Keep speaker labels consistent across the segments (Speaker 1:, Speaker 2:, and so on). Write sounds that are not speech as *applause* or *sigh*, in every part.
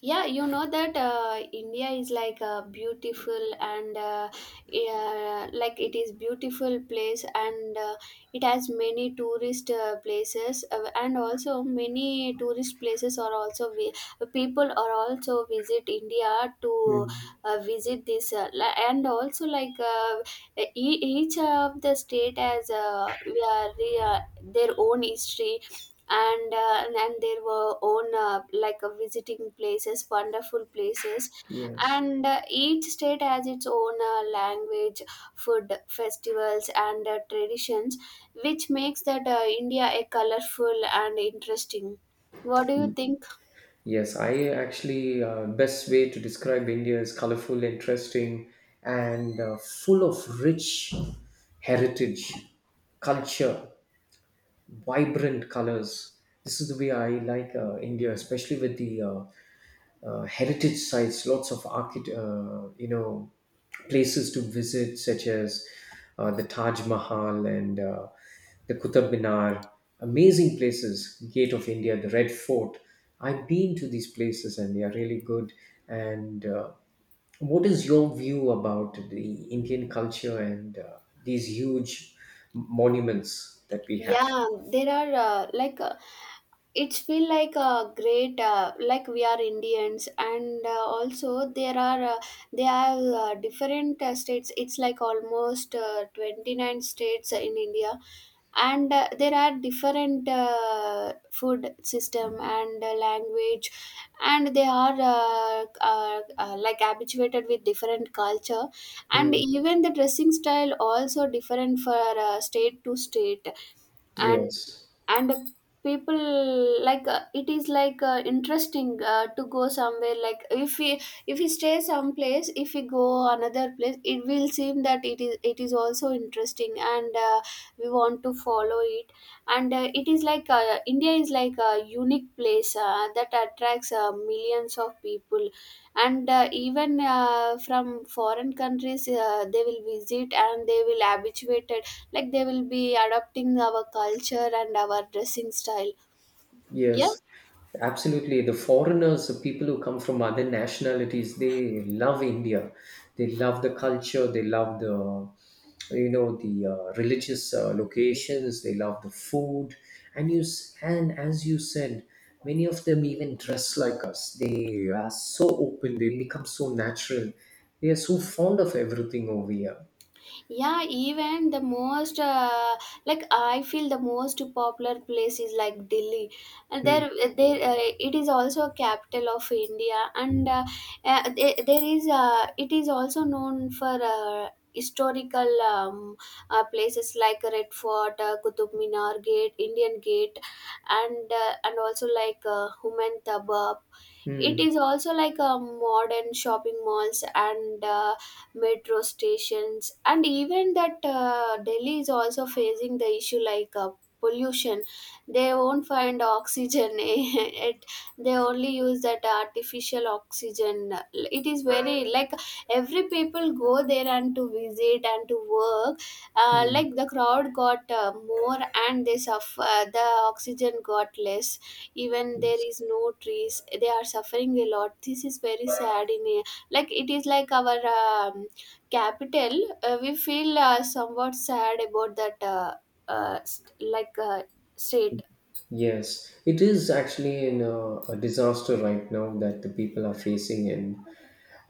Speaker 1: Yeah you know that India is like a beautiful and yeah, like it is beautiful place, and it has many tourist places, and also many tourist places are also people are also visit India to
Speaker 2: Mm.
Speaker 1: visit this and also like each of the state has we are, they are- their own history and there were own visiting places, wonderful places,
Speaker 2: Yes.
Speaker 1: and each state has its own language, food, festivals, and traditions, which makes that India a colorful and interesting. What do you
Speaker 2: Y-
Speaker 1: think?
Speaker 2: Yes, I actually best way to describe India is colorful, interesting, and full of rich heritage, culture, vibrant colors. This is the way I like India, especially with the heritage sites, lots of places to visit, such as the Taj Mahal and the Qutub Minar. Amazing places, Gate of India, the Red Fort. I've been to these places and they are really good. And what is your view about the Indian culture and these huge monuments that we have?
Speaker 1: Yeah there are like It's feel like a great, like we are Indians, and also there are different states. It's like almost 29 states in India, and there are different food system and language, and they are like habituated with different culture, and
Speaker 2: Hmm.
Speaker 1: even the dressing style also different for state to state. and
Speaker 2: Yes.
Speaker 1: and people like, it is like, interesting, to go somewhere. Like if we stay someplace, if we go another place, it will seem that it is also interesting, and we want to follow it. And it is like, India is like a unique place that attracts millions of people, and even from foreign countries they will visit and they will habituated, like they will be adopting our culture and our dressing style. Yeah.
Speaker 2: Yes, absolutely. The foreigners, the people who come from other nationalities, they love India. They love the culture. They love the religious locations. They love the food. And and as you said, many of them even dress like us. They are so open. They become so natural. They are so fond of everything over here.
Speaker 1: Yeah even the most uh, like I feel the most popular place is like Delhi, and
Speaker 2: Mm,
Speaker 1: there it is also a capital of India, and there is, it is also known for historical, places like Red Fort, Qutub Minar Gate, Indian Gate, and also like Human Taba. It
Speaker 2: mm,
Speaker 1: is also like a modern shopping malls and metro stations, and even that Delhi is also facing the issue, like pollution. They won't find oxygen. *laughs* It, they only use that artificial oxygen. It is very like every people go there and to visit and to work. Like the crowd got more, and they suffer. The oxygen got less, even there
Speaker 2: mm.
Speaker 1: is no trees, they are suffering a lot. This is very sad in a, like it is like our capital. We feel somewhat sad about that, uh, st- like uh, state.
Speaker 2: Yes, it is actually in a disaster right now that the people are facing in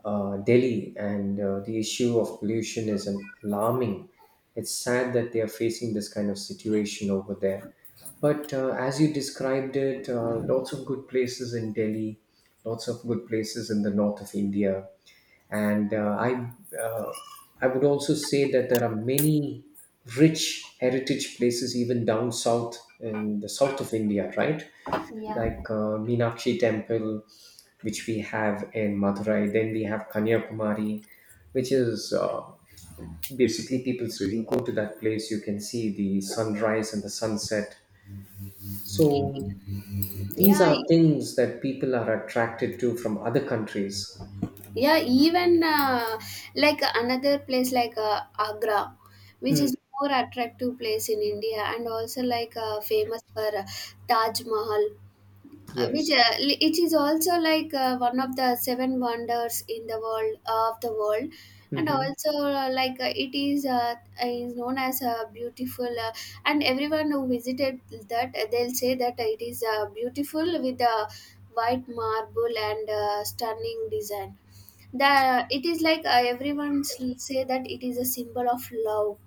Speaker 2: Delhi, and the issue of pollution is alarming. It's sad that they are facing this kind of situation over there. But as you described it, lots of good places in Delhi, lots of good places in the north of India, and uh, I would also say that there are many rich heritage places even down south in the south of India, right? Like Meenakshi Temple, which we have in Madurai. Then we have Kanyakumari, which is basically people really go to that place. You can see the sunrise and the sunset. So these
Speaker 1: yeah
Speaker 2: are
Speaker 1: e-
Speaker 2: things that people are attracted to from other countries.
Speaker 1: yeah even Like another place like Agra, which
Speaker 2: Hmm.
Speaker 1: is more attractive place in India, and also like famous for Taj Mahal.
Speaker 2: Yes.
Speaker 1: It is also like one of the seven wonders in the world, and
Speaker 2: Hmm.
Speaker 1: also it is, is known as a beautiful, and everyone who visited that, they'll say that it is beautiful with the white marble and stunning design. The It is like, everyone say that it is a symbol of love,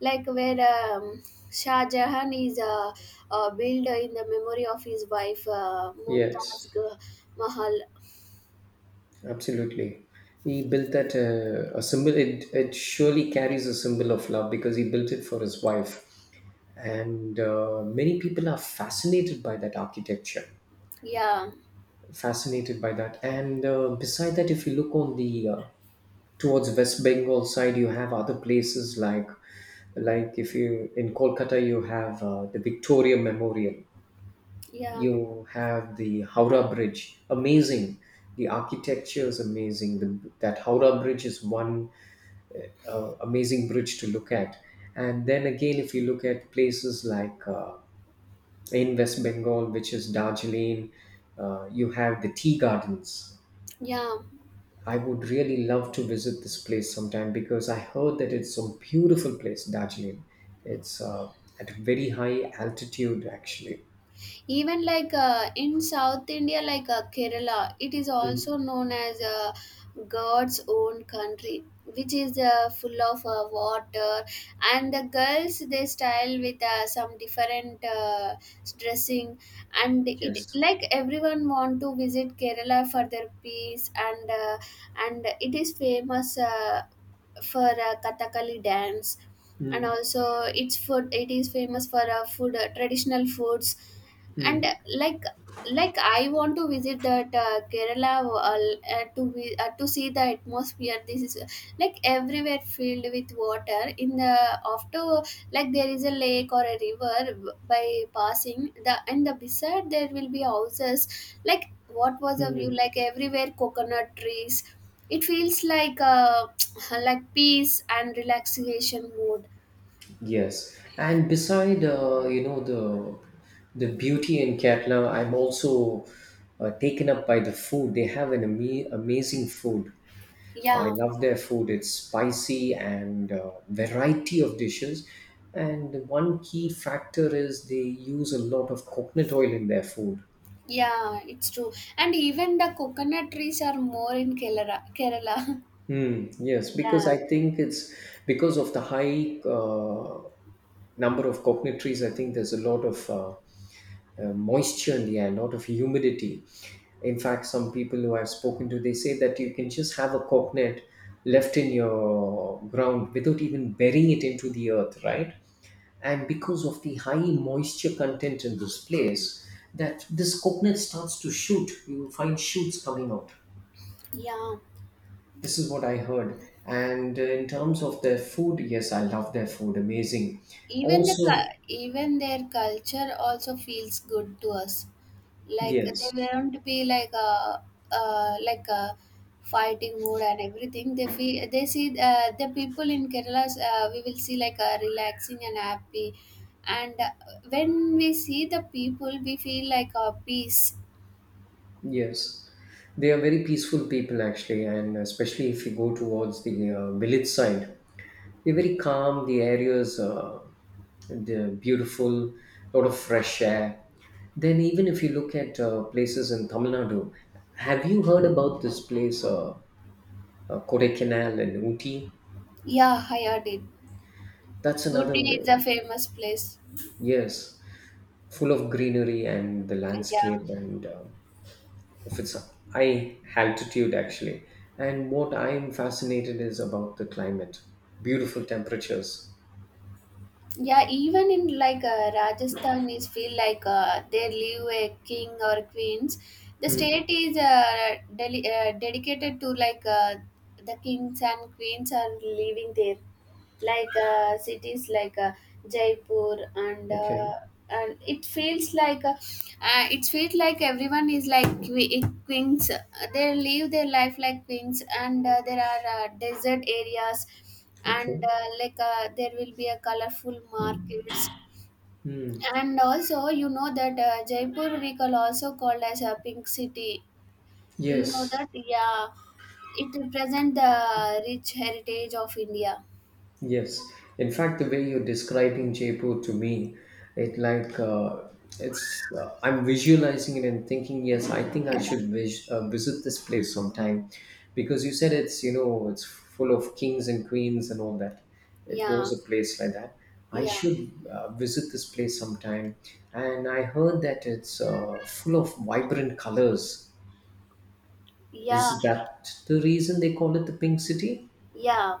Speaker 1: like where, um, Shah Jahan is built in the memory of his wife, Mumtaz
Speaker 2: Yes.
Speaker 1: Mahal.
Speaker 2: Absolutely. He built that a symbol. It surely carries a symbol of love because he built it for his wife. And many people are fascinated by that architecture,
Speaker 1: Yeah,
Speaker 2: fascinated by that. And beside that, if you look on the towards West Bengal side, you have other places like if you in Kolkata, you have the Victoria Memorial,
Speaker 1: yeah,
Speaker 2: you have the Howrah Bridge. Amazing. The architecture is amazing. That Howrah Bridge is one amazing bridge to look at. And then again, if you look at places like in West Bengal, which is Darjeeling, you have the tea gardens.
Speaker 1: yeah.
Speaker 2: I would really love to visit this place sometime because I heard that it's a beautiful place, Darjeeling. It's at a very high altitude, actually.
Speaker 1: Even like, in South India, like Kerala, it is
Speaker 2: Mm.
Speaker 1: also known as God's Own Country, which is full of water, and the girls they style with some different, dressing, and it
Speaker 2: Yes.
Speaker 1: like everyone want to visit Kerala for their peace, and it is famous, for Kathakali dance, and
Speaker 2: Mm.
Speaker 1: also its food. It is famous for food, traditional foods, and
Speaker 2: Mm.
Speaker 1: uh, like like I want to visit that Kerala, to see the atmosphere. This is like everywhere filled with water. In the after Like there is a lake or a river by passing the and the beside there will be houses. Like what was a view,
Speaker 2: Mm.
Speaker 1: like everywhere coconut trees. It feels like, *tsk* like peace and relaxation mood.
Speaker 2: Yes, and beside the beauty in Kerala, I'm also taken up by the food. They have an amazing food. I
Speaker 1: Yeah.
Speaker 2: love their food. It's spicy and variety of dishes. And one key factor is they use a lot of coconut oil in their food.
Speaker 1: Yeah, it's true. And even the coconut trees are more in Kerala. Kerala. *laughs*
Speaker 2: Hmm. Yes, because
Speaker 1: Yeah.
Speaker 2: I think it's because of the high number of coconut trees. I think there's a lot of moisture in the air, a lot of humidity. In fact, some people who I've spoken to, they say that you can just have a coconut left in your ground without even burying it into the earth, right? And because of the high moisture content in this place, that this coconut starts to shoot. You find shoots coming out.
Speaker 1: Yeah.
Speaker 2: This is what I heard. And in terms of their food, yes, I love their food. Amazing.
Speaker 1: Even the
Speaker 2: Also,
Speaker 1: even their culture also feels good to us. Like they
Speaker 2: yes,
Speaker 1: won't be like a, like a fighting mood and everything. They feel, they see the people in Kerala. We will see like a relaxing and happy. And when we see the people, we feel like a peace.
Speaker 2: yes. They are very peaceful people, actually. And especially if you go towards the village side, they're very calm. The areas, they're beautiful, lot of fresh air. Then, even if you look at places in Tamil Nadu, have you heard about this place, Kodaikanal in Ooty?
Speaker 1: Yeah, I heard it.
Speaker 2: That's another
Speaker 1: Ooty is a
Speaker 2: way.
Speaker 1: famous place.
Speaker 2: Yes. Full of greenery and the
Speaker 1: Like, yeah.
Speaker 2: landscape and of its high altitude, actually. And what I am fascinated is about the climate, beautiful temperatures.
Speaker 1: Yeah, even in like Rajasthan, is feel like they live a king or queens. The
Speaker 2: Hmm.
Speaker 1: state is dedicated to like the kings and queens are living there. Like cities like, Jaipur,
Speaker 2: Okay.
Speaker 1: and it feels like, it feels like everyone is like queens. They live their life like queens, and there are desert areas,
Speaker 2: Okay.
Speaker 1: and there will be a colorful markets.
Speaker 2: Hmm.
Speaker 1: And also, you know that Jaipur, we call also called as a Pink City. Do you know
Speaker 2: Yes.
Speaker 1: that? Yeah, it represents the rich heritage of India.
Speaker 2: Yes, in fact, the way you're describing Jaipur to me, it like it's I'm visualizing it and thinking, yes, I
Speaker 1: *laughs*
Speaker 2: think I
Speaker 1: Yeah.
Speaker 2: should visit this place sometime, because you said it's you know it's full of kings and queens and all that. It
Speaker 1: Yeah.
Speaker 2: was a place like that. I
Speaker 1: Yeah,
Speaker 2: should visit this place sometime, and I heard that it's full of vibrant colors.
Speaker 1: yeah,
Speaker 2: Is that the reason they call it the Pink City?
Speaker 1: yeah.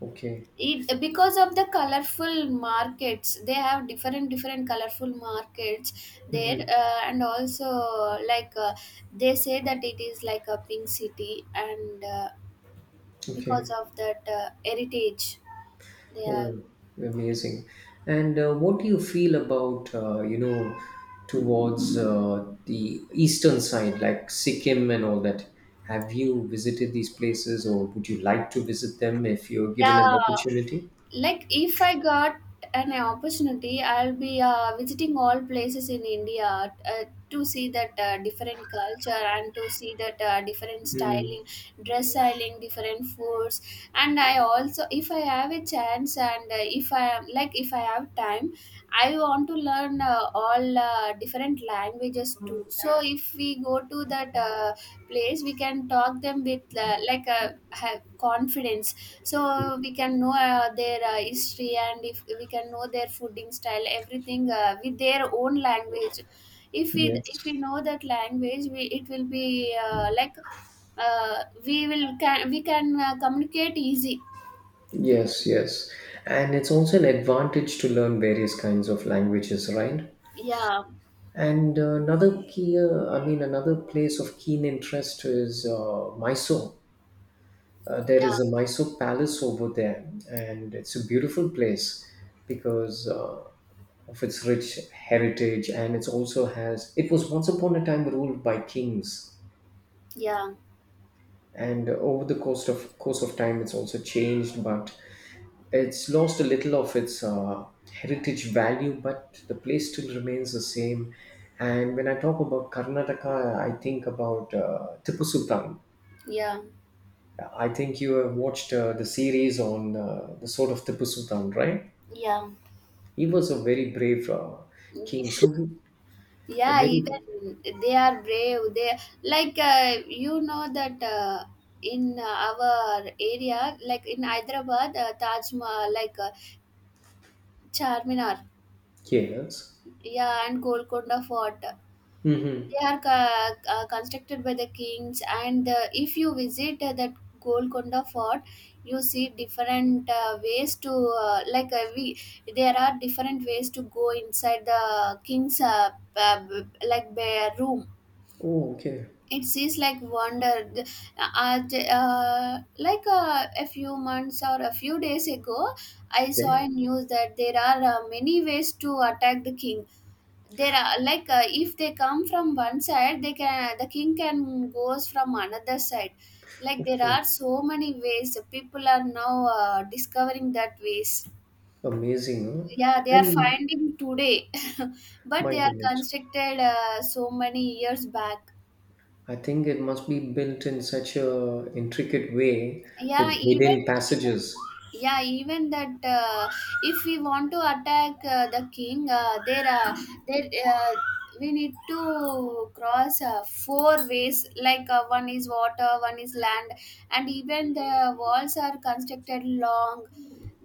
Speaker 2: Okay.
Speaker 1: It because of the colorful markets. They have different different colorful markets there,
Speaker 2: Hmm.
Speaker 1: and also like, they say that it is like a Pink City, and because
Speaker 2: Okay.
Speaker 1: of that heritage, they are.
Speaker 2: Oh, amazing. And what do you feel about, towards the eastern side, like Sikkim and all that? Have you visited these places or would you like to visit them if you're given an
Speaker 1: Yeah,
Speaker 2: opportunity?
Speaker 1: like if I got an opportunity, I'll be visiting all places in India, to see that different culture, and to see that different
Speaker 2: Mm,
Speaker 1: styling, dress styling, different foods. And I also, if I have a chance, and if I am like, if I have time, I want to learn all different languages too, so if we go to that place, we can talk them with like a, have confidence, so we can know their history, and if we can know their fooding style, everything, with their own language. If we
Speaker 2: yes.
Speaker 1: know that language, we it will be we will can we can communicate easy.
Speaker 2: Yes, yes. And it's also an advantage to learn various kinds of languages, right?
Speaker 1: yeah
Speaker 2: And another I mean, another place of keen interest is Mysore. There
Speaker 1: yeah
Speaker 2: is a Mysore Palace over there, and it's a beautiful place because of its rich heritage, and it also has. It was once upon a time ruled by kings,
Speaker 1: yeah
Speaker 2: and over the course of time, it's also changed, but it's lost a little of its heritage value, but the place still remains the same. And when I talk about Karnataka, I think about Tipu Sultan.
Speaker 1: yeah
Speaker 2: I think you have watched the series on the sort of Tipu Sultan, right?
Speaker 1: yeah
Speaker 2: He was a very brave king, so he a
Speaker 1: Yeah,
Speaker 2: very.
Speaker 1: even they are brave. They like, you know that in our area, like in Hyderabad, Taj Mahal, like Charminar,
Speaker 2: Yes.
Speaker 1: yeah, and Golconda Fort. They
Speaker 2: Mm-hmm.
Speaker 1: are constructed by the kings, and if you visit that Golconda Fort, you see different ways to, we. There are different ways to go inside the king's, like bear room.
Speaker 2: Oh, okay,
Speaker 1: It seems like wonder. Uh, like a few months or a few days ago, I saw a
Speaker 2: okay,
Speaker 1: news that there are many ways to attack the king. There are, like, if they come from one side, they can, the king can goes from another side. Like there
Speaker 2: okay.
Speaker 1: are so many ways people are now discovering that ways.
Speaker 2: Amazing, huh?
Speaker 1: Yeah, they are
Speaker 2: And
Speaker 1: finding today. *laughs* But
Speaker 2: my
Speaker 1: they are
Speaker 2: goodness,
Speaker 1: constructed so many years back.
Speaker 2: I think it must be built in such a intricate way
Speaker 1: Yeah,
Speaker 2: with
Speaker 1: even
Speaker 2: hidden
Speaker 1: yeah,
Speaker 2: passages.
Speaker 1: yeah, even that if we want to attack the king, there there we need to cross four ways. Like one is water, one is land, and even the walls are constructed long,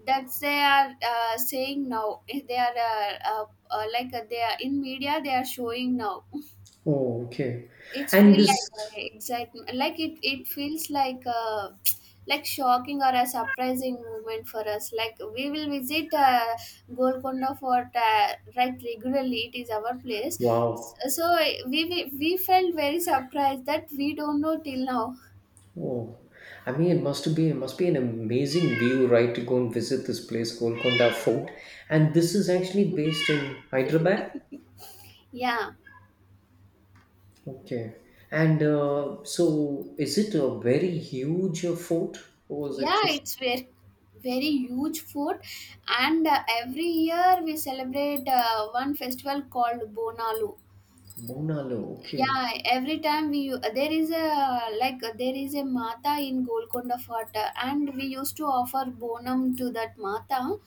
Speaker 1: that they are saying now, they are they are in media, they are showing now.
Speaker 2: Oh, okay.
Speaker 1: It's
Speaker 2: And
Speaker 1: feel
Speaker 2: this,
Speaker 1: like a excitement, like it. It feels like a *tsk* like shocking or a surprising moment for us. Like we will visit Golconda Fort, right regularly. It is our place.
Speaker 2: wow,
Speaker 1: So we felt very surprised that we don't know till now.
Speaker 2: oh, I mean, it must be an amazing view, right, to go and visit this place, Golconda Fort. And this is actually based in Hyderabad.
Speaker 1: Yeah,
Speaker 2: Okay. And so, is it a very huge fort, or is it
Speaker 1: yeah,
Speaker 2: just
Speaker 1: it's very very huge fort, and every year we celebrate one festival called Bonalu.
Speaker 2: Bonalo? Okay.
Speaker 1: Yeah, every time we there is a, like there is a Mata in Golconda Fort, and we used to offer Bonum to that Mata.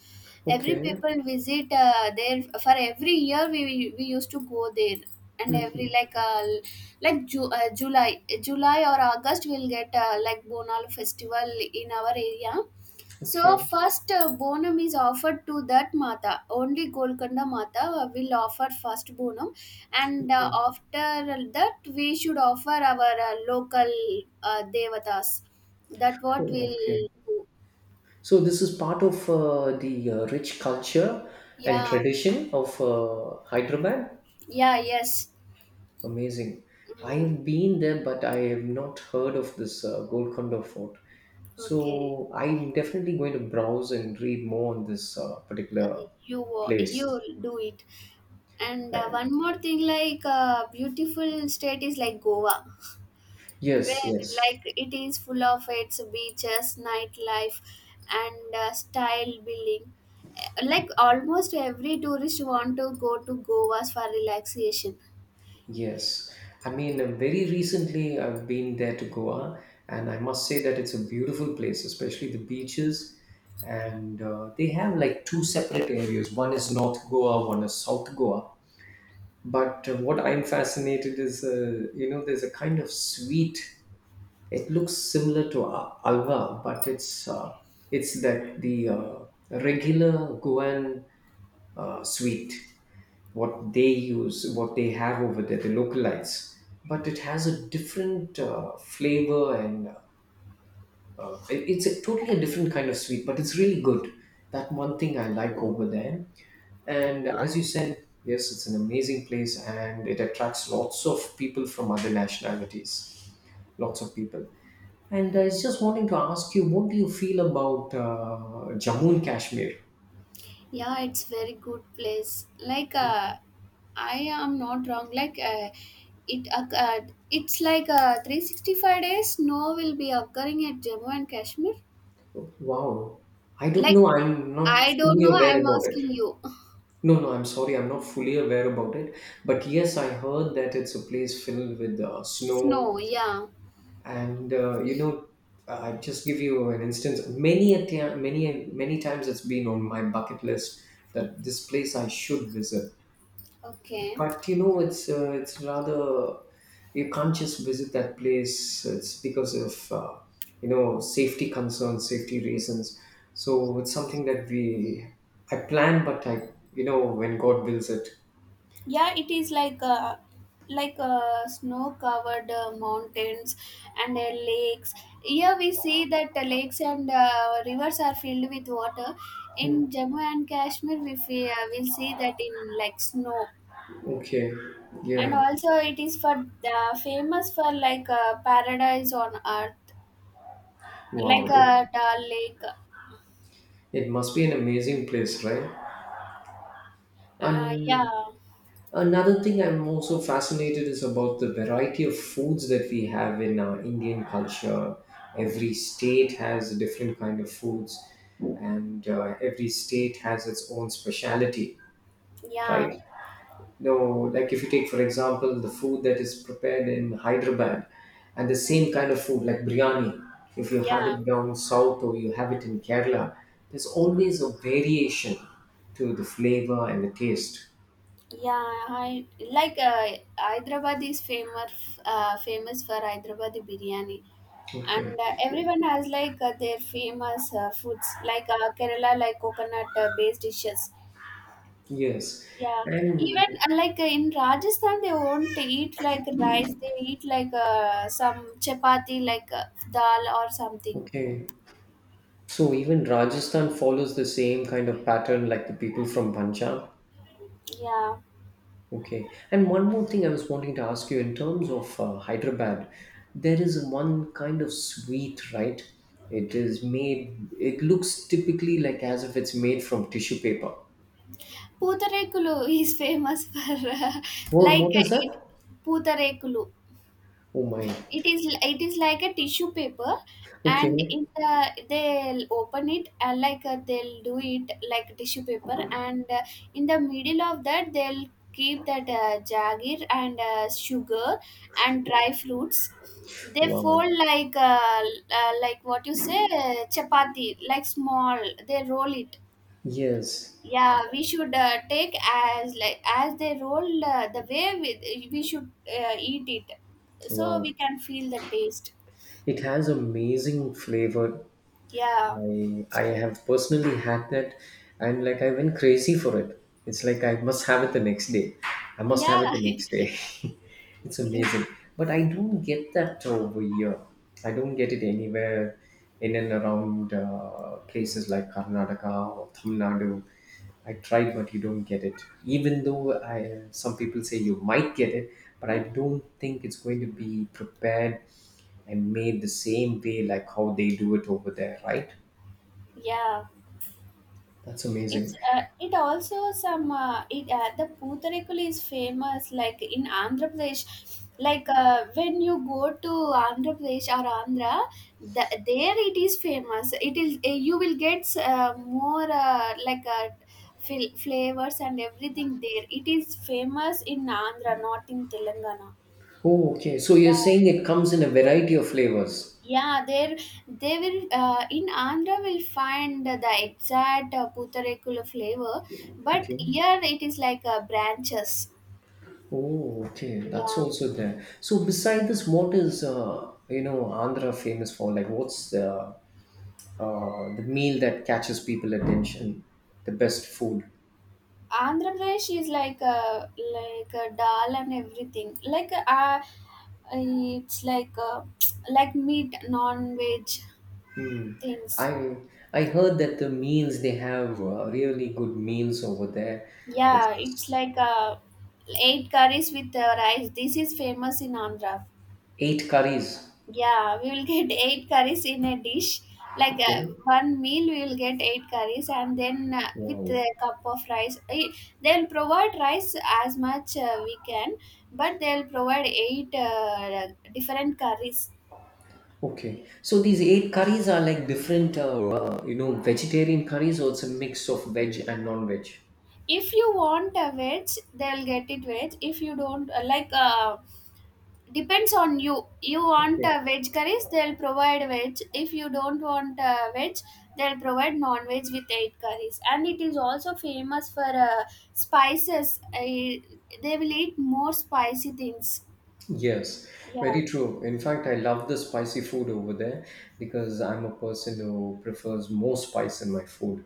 Speaker 1: Every
Speaker 2: Okay.
Speaker 1: people visit there for every year. We used to go there, and every
Speaker 2: Mhm.
Speaker 1: like, July, July, or August, we'll get like Bonal festival in our area. So
Speaker 2: Okay.
Speaker 1: first, Bonum is offered to that Mata. Only Golconda Mata will offer first Bonum, and
Speaker 2: Okay.
Speaker 1: after that we should offer our local, Devatas. That what
Speaker 2: Oh, okay.
Speaker 1: will do.
Speaker 2: So this is part of the rich culture and
Speaker 1: Yeah,
Speaker 2: tradition of Hyderabad.
Speaker 1: yeah, yes.
Speaker 2: Amazing.
Speaker 1: Mm,
Speaker 2: I've been there, but I have not heard of this Golconda Fort.
Speaker 1: okay,
Speaker 2: So I'm definitely going to browse and read more on this
Speaker 1: uh,
Speaker 2: particular
Speaker 1: you you
Speaker 2: place.
Speaker 1: do it. And one more thing, like beautiful state is like Goa.
Speaker 2: Yes,
Speaker 1: Where
Speaker 2: yes,
Speaker 1: like it is full of its beaches, nightlife, and style building. Like almost every tourist want to go to Goa's for relaxation.
Speaker 2: yes. I mean, very recently I've been there to Goa, and I must say that it's a beautiful place, especially the beaches. And they have like two separate areas. One is North Goa, one is South Goa. But what I'm fascinated is, there's a kind of sweet. It looks similar to alva, but it's that the regular Guan sweet. What they use, what they have over there, the localites, but it has a different flavor and it's a totally a different kind of sweet, but it's really good. That one thing I like over there. And as you said, yes, it's an amazing place and it attracts lots of people from other nationalities, lots of people. And I was just wanting to ask you, what do you feel about Jammu and Kashmir?
Speaker 1: Yeah, it's very good place. Like I am not wrong, like it occurred, it's like 365 days snow will be occurring at Jammu and Kashmir.
Speaker 2: Wow, I don't
Speaker 1: Like
Speaker 2: know. I'm not
Speaker 1: I don't
Speaker 2: fully
Speaker 1: know,
Speaker 2: aware
Speaker 1: I'm
Speaker 2: about it.
Speaker 1: asking you.
Speaker 2: No, no, I'm sorry, I'm not fully aware about it. But yes, I heard that it's a place filled with
Speaker 1: *laughs*
Speaker 2: snow
Speaker 1: Snow, yeah.
Speaker 2: and I just give you an instance, many many times it's been on my bucket list that this place I should visit,
Speaker 1: Okay,
Speaker 2: but it's rather, you can't just visit that place. It's because of safety concerns, safety reasons, so it's something that we I plan, but I, when God wills it.
Speaker 1: yeah, it is like snow covered mountains and lakes. Here we see that lakes and rivers are filled with water. In
Speaker 2: Hmm.
Speaker 1: Jammu and Kashmir we will see that in like snow.
Speaker 2: Okay.
Speaker 1: And
Speaker 2: Yeah.
Speaker 1: also it is for the famous for like paradise on earth, like
Speaker 2: Wow.
Speaker 1: a Dal Lake.
Speaker 2: It must be an amazing place, right?
Speaker 1: Yeah,
Speaker 2: And another thing I'm also fascinated is about the variety of foods that we have in our Indian culture. Every state has a different kind of foods, and every state has its own speciality,
Speaker 1: yeah,
Speaker 2: right? No, like if you take for example the food that is prepared in Hyderabad, and the same kind of food like biryani, if you have
Speaker 1: yeah.
Speaker 2: it down south or you have it in Kerala, there's always a variation to the flavor and the taste.
Speaker 1: Yeah, I like Hyderabad is famous famous for Hyderabadi biryani,
Speaker 2: Okay.
Speaker 1: and everyone has like their famous foods, like Kerala like coconut based dishes.
Speaker 2: Yes.
Speaker 1: Yeah,
Speaker 2: And.
Speaker 1: even in Rajasthan they won't eat like rice; they eat like some chapati, like dal or something.
Speaker 2: Okay. So even Rajasthan follows the same kind of pattern like the people from Punjab.
Speaker 1: Yeah,
Speaker 2: Okay. And one more thing I was wanting to ask you in terms of Hyderabad, there is one kind of sweet, right? It is made, it looks typically like as if it's made from tissue paper.
Speaker 1: Putarekulu *laughs* is famous for *laughs*
Speaker 2: What,
Speaker 1: like
Speaker 2: what is that?
Speaker 1: it Putarekulu.
Speaker 2: Oh my.
Speaker 1: It is like a tissue paper, and
Speaker 2: Okay.
Speaker 1: it they'll open it they'll do it like tissue paper, and in the middle of that they'll keep that jagir and sugar and dry fruits. They
Speaker 2: Wow.
Speaker 1: fold like what you say chapati, like small. They roll it.
Speaker 2: Yes.
Speaker 1: Yeah, we should take as like as they roll the way we, should eat it, so we
Speaker 2: Wow.
Speaker 1: can feel the taste.
Speaker 2: It has amazing flavor.
Speaker 1: Yeah,
Speaker 2: I
Speaker 1: it's
Speaker 2: I
Speaker 1: true.
Speaker 2: have personally had that, and like I went crazy for it. It's like I must have it the next day. I must
Speaker 1: Yeah,
Speaker 2: have it the next day. *laughs* It's
Speaker 1: *laughs* you,
Speaker 2: amazing, but I don't get that over here. I don't get it anywhere in and around places like Karnataka or Tamil Nadu. I tried, but you don't get it. Even though some people say you might get it, but I don't think it's going to be prepared and made the same way like how they do it over there, right?
Speaker 1: yeah.
Speaker 2: That's
Speaker 1: It's
Speaker 2: amazing.
Speaker 1: it also some it the Putarekul is famous like in Andhra Pradesh. Like when you go to Andhra Pradesh or Andhra, there it is famous. It is you will get more flavors and everything there. It is famous in Andhra, not in Telangana.
Speaker 2: Oh, okay. So you're
Speaker 1: Yeah.
Speaker 2: saying it comes in a variety of flavors.
Speaker 1: Yeah, there they will in Andhra will find the exact putarekula flavor, but
Speaker 2: Okay.
Speaker 1: here it is like branches.
Speaker 2: Oh, okay. That's
Speaker 1: Yeah,
Speaker 2: also there. So beside this, what is Andhra famous for? Like, what's the meal that catches people attention? The best food.
Speaker 1: Andhra Pradesh is like a dal and everything. Like it's like *tsk* like meat, non-veg
Speaker 2: Hmm.
Speaker 1: things.
Speaker 2: I I heard that the meals they have really good meals over there.
Speaker 1: Yeah, it's
Speaker 2: It's
Speaker 1: like eight curries with rice. This is famous in Andhra.
Speaker 2: eight curries.
Speaker 1: Yeah, we will get eight curries in a dish. Like
Speaker 2: Okay.
Speaker 1: one meal, we will get eight curries, and then with a
Speaker 2: Wow.
Speaker 1: cup of rice. Eh, they'll provide rice as much we can, but they'll provide eight different curries.
Speaker 2: Okay, so these eight curries are like different, you know, vegetarian curries, or it's a mix of veg and non-veg.
Speaker 1: If you want a veg, they'll get it veg. If you don't like, depends on you, want
Speaker 2: Okay.
Speaker 1: veg curries, they'll provide veg. If you don't want veg, they'll provide non-veg with eight curries. And it is also famous for spices. They will eat more spicy things,
Speaker 2: Yes,
Speaker 1: yeah.
Speaker 2: very true. In fact, I love the spicy food over there because I'm a person who prefers more spice in my food,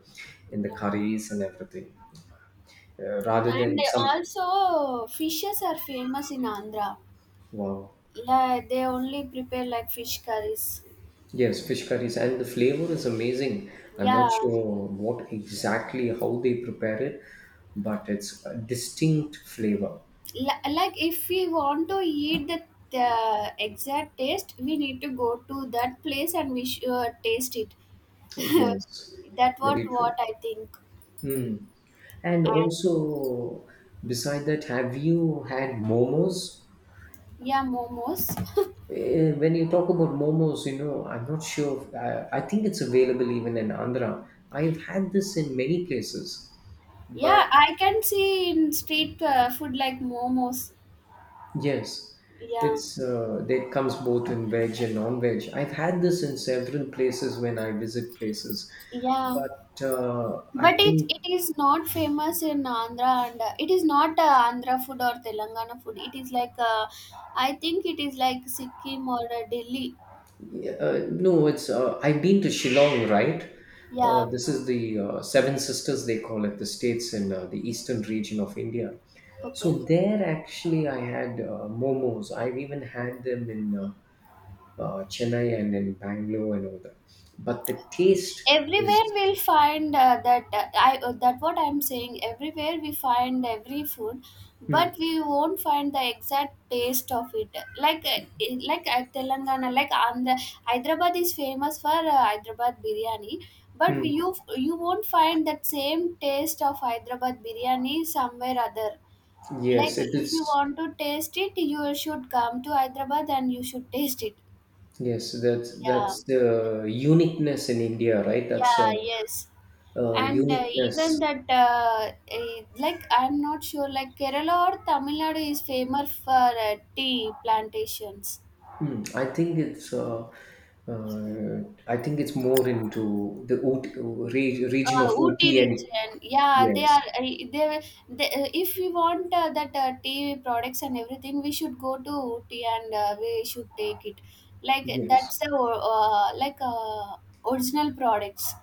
Speaker 2: in the curries and everything, rather
Speaker 1: And
Speaker 2: than some.
Speaker 1: also fishes are famous in Andhra.
Speaker 2: Wow.
Speaker 1: Yeah, they only prepare like fish curries.
Speaker 2: Yes, fish curries, and the flavor is amazing. I'm
Speaker 1: Yeah,
Speaker 2: not sure what exactly how they prepare it, but it's a distinct flavor.
Speaker 1: like if we want to eat the exact taste, we need to go to that place and we should taste it. *laughs*
Speaker 2: Yes,
Speaker 1: That
Speaker 2: very true.
Speaker 1: what I think.
Speaker 2: Hmm. And
Speaker 1: And
Speaker 2: also, beside that, have you had momos?
Speaker 1: yeah, momos.
Speaker 2: When you talk about momos, you know, I'm not sure. If, I think it's available even in Andhra. I've had this in many places,
Speaker 1: *laughs* Yeah,
Speaker 2: but
Speaker 1: I can see in street food like momos.
Speaker 2: yes,
Speaker 1: Yeah,
Speaker 2: it's that comes both in veg and non-veg. I've had this in several places when I visit places,
Speaker 1: yeah.
Speaker 2: but I
Speaker 1: But
Speaker 2: think
Speaker 1: it is not famous in Andhra, and it is not Andhra food or Telangana food. It is like I think it is like Sikkim or Delhi.
Speaker 2: Yeah, no, it's I've been to Shillong, right?
Speaker 1: Yeah,
Speaker 2: This is the Seven Sisters they call it, the states in the eastern region of India.
Speaker 1: okay.
Speaker 2: So there, actually, I had momos. I've even had them in Chennai and in Bangalore and all that. But the taste
Speaker 1: Everywhere
Speaker 2: is,
Speaker 1: we'll find that what I'm saying, everywhere we find every food,
Speaker 2: hmm,
Speaker 1: but we won't find the exact taste of it. Like in- like at Telangana, like Andhra, Hyderabad is famous for Hyderabad biryani. But
Speaker 2: hmm,
Speaker 1: you won't find that same taste of Hyderabad biryani somewhere other. Like
Speaker 2: yes, it
Speaker 1: if you
Speaker 2: is.
Speaker 1: want to taste it, you should come to Hyderabad and you should taste it.
Speaker 2: Yes, that's
Speaker 1: Yeah,
Speaker 2: the uniqueness in India, right? That's
Speaker 1: yeah, yes. And even
Speaker 2: uniqueness.
Speaker 1: that like I'm not sure, like Kerala or Tamil Nadu is famous for tea plantations.
Speaker 2: Hmm, uh, I think it's more into the OT, region of
Speaker 1: Ooty
Speaker 2: OT. And
Speaker 1: region, yeah, they
Speaker 2: yes,
Speaker 1: are. They if we want that tea products and everything, we should go to Ooty and we should take it. Like
Speaker 2: yes,
Speaker 1: that's the original products.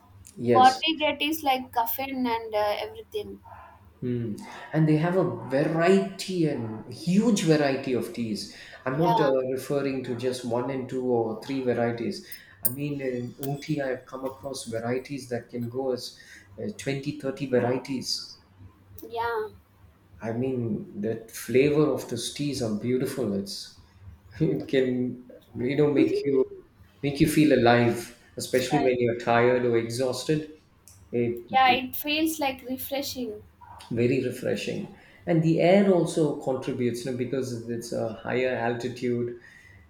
Speaker 1: What
Speaker 2: yes.
Speaker 1: we get is like caffeine and everything.
Speaker 2: Hmm. And they have a variety and huge variety of teas. I'm not
Speaker 1: Yeah,
Speaker 2: referring to just one and two or three varieties. I mean, in OT, I've come across varieties that can go as 20, 30 varieties.
Speaker 1: yeah.
Speaker 2: I mean, that flavor of those teas are beautiful. It's *laughs* it can you know make you feel alive,
Speaker 1: It's
Speaker 2: especially
Speaker 1: right.
Speaker 2: when you're tired or exhausted. It
Speaker 1: Yeah,
Speaker 2: it
Speaker 1: it feels like refreshing.
Speaker 2: very refreshing, and the air also contributes. You know, because it's a higher altitude,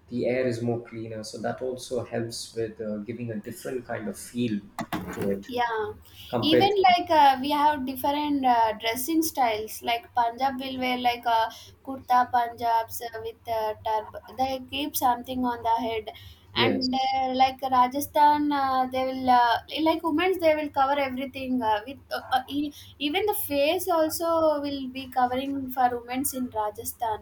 Speaker 2: the air is more cleaner, so that also helps with giving a different kind of feel to it
Speaker 1: Yeah,
Speaker 2: compared.
Speaker 1: even
Speaker 2: To,
Speaker 1: like we have different dressing styles. Like Punjab will wear like a kurta Punjabs with turb. They keep something on the head, and
Speaker 2: yes.
Speaker 1: like Rajasthan, they will like women's, they will cover everything even the face also will be covering for women's in Rajasthan.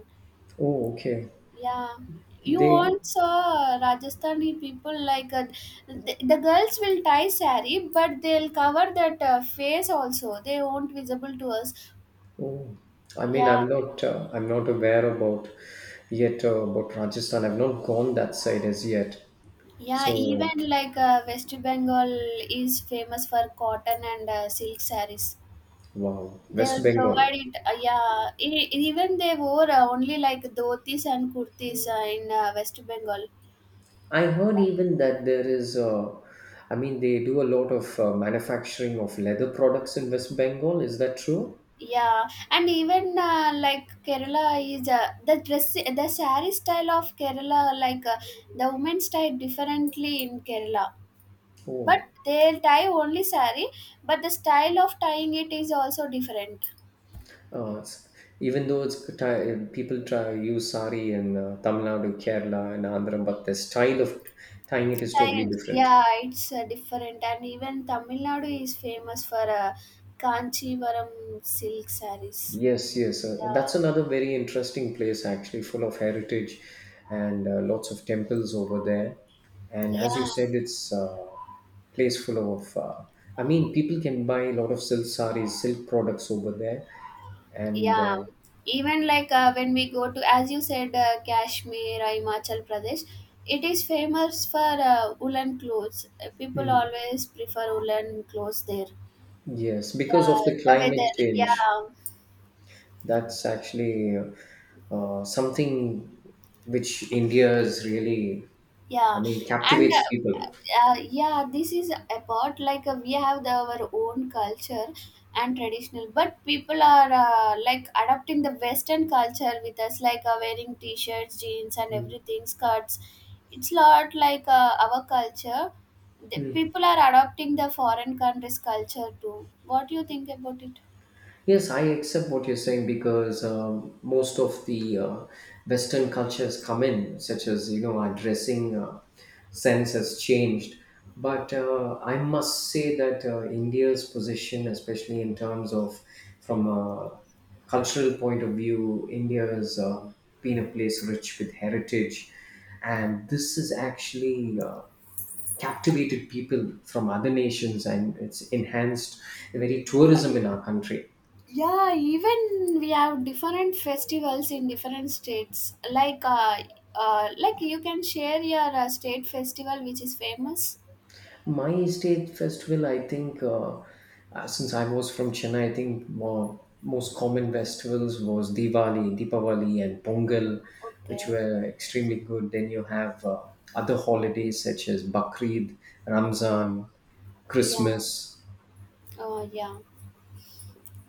Speaker 2: Oh, okay.
Speaker 1: Yeah, you
Speaker 2: They
Speaker 1: won't saw Rajasthani people like the girls will tie sari, but they'll cover that face also. They won't visible to us.
Speaker 2: Oh, I mean,
Speaker 1: Yeah,
Speaker 2: I'm not aware about yet about Rajasthan. I've not gone that side as yet.
Speaker 1: yeah.
Speaker 2: So,
Speaker 1: Even like West Bengal is famous for cotton and silk saris.
Speaker 2: wow, West
Speaker 1: They'll
Speaker 2: Bengal.
Speaker 1: provide it. Yeah, even they wore only like dhotis and kurtis in West Bengal.
Speaker 2: I heard even that there is, I mean, they do a lot of manufacturing of leather products in West Bengal. Is that true?
Speaker 1: Yeah, and even like Kerala is the saree style of Kerala, like the women style differently in Kerala. But
Speaker 2: Oh,
Speaker 1: they tie only saree, but the style of tying it is also different.
Speaker 2: uh, it's, even though people try use sari in Tamil Nadu, Kerala, and Andhra, but the style of tying it is totally
Speaker 1: Tying,
Speaker 2: different.
Speaker 1: yeah, it's different. And even Tamil Nadu is famous for Kanchivaram silk sarees.
Speaker 2: Yes, yes.
Speaker 1: Yeah,
Speaker 2: That's another very interesting place, actually, full of heritage and lots of temples over there. And as you
Speaker 1: yeah.
Speaker 2: said, it's a place full of, I mean, people can buy a lot of silk saris, silk products over there. And
Speaker 1: Yeah, even like when we go to, as you said, Kashmir or Himachal Pradesh, it is famous for woolen clothes. People always prefer woolen clothes there.
Speaker 2: yes, because
Speaker 1: Yeah,
Speaker 2: of the
Speaker 1: the
Speaker 2: climate
Speaker 1: weather,
Speaker 2: change,
Speaker 1: yeah.
Speaker 2: that's actually something which India is really, I
Speaker 1: Yeah,
Speaker 2: mean,
Speaker 1: and
Speaker 2: captivates people.
Speaker 1: yeah, this is about like we have our own culture and traditional, but people are like adopting the western culture with us, like wearing t-shirts, jeans and
Speaker 2: Mm.
Speaker 1: everything, skirts. It's lot like our culture. The
Speaker 2: Mm.
Speaker 1: people are adopting the foreign countries culture too. What do you think about it?
Speaker 2: Yes, I accept what you're saying because most of the Western cultures come in, such as you know, our dressing sense has changed. But I must say that India's position, especially in terms of from a cultural point of view, India has been a place rich with heritage, and this has actually captivated people from other nations, and it's enhanced the very tourism in our country.
Speaker 1: Yeah, even we have different festivals in different states, like you can share your state festival which is famous.
Speaker 2: My state festival, I think, since I was from Chennai, I think most common festivals was Diwali, Deepavali, and Pongal, which
Speaker 1: Okay,
Speaker 2: were extremely good. Then you have other holidays such as Bakrid, Ramzan,
Speaker 1: yeah.
Speaker 2: Christmas.
Speaker 1: Oh yeah.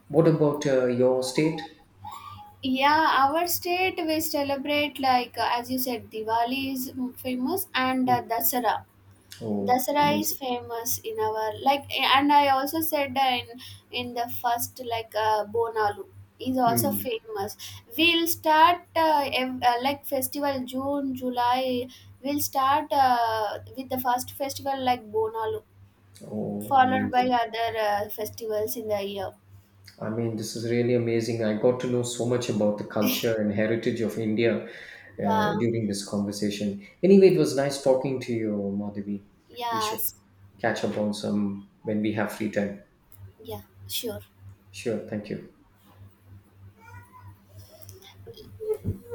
Speaker 2: What about your state?
Speaker 1: Yeah, our state we celebrate like as you said, Diwali is famous, and Dasara.
Speaker 2: Oh,
Speaker 1: Dasara is
Speaker 2: amazing!
Speaker 1: famous in our like, and I also said in the first like Bonalu is also
Speaker 2: Hmm.
Speaker 1: famous. We'll start like festival June July. We'll start with the first festival like Bonalu,
Speaker 2: Oh,
Speaker 1: followed by
Speaker 2: amazing!
Speaker 1: other festivals in the year.
Speaker 2: I mean, this is really amazing. I got to know so much about the culture and heritage of India
Speaker 1: Yeah,
Speaker 2: during this conversation. Anyway, it was nice talking to you, Madhavi. We should
Speaker 1: yes,
Speaker 2: catch up on some when we have free time.
Speaker 1: yeah, sure.
Speaker 2: Sure, thank you.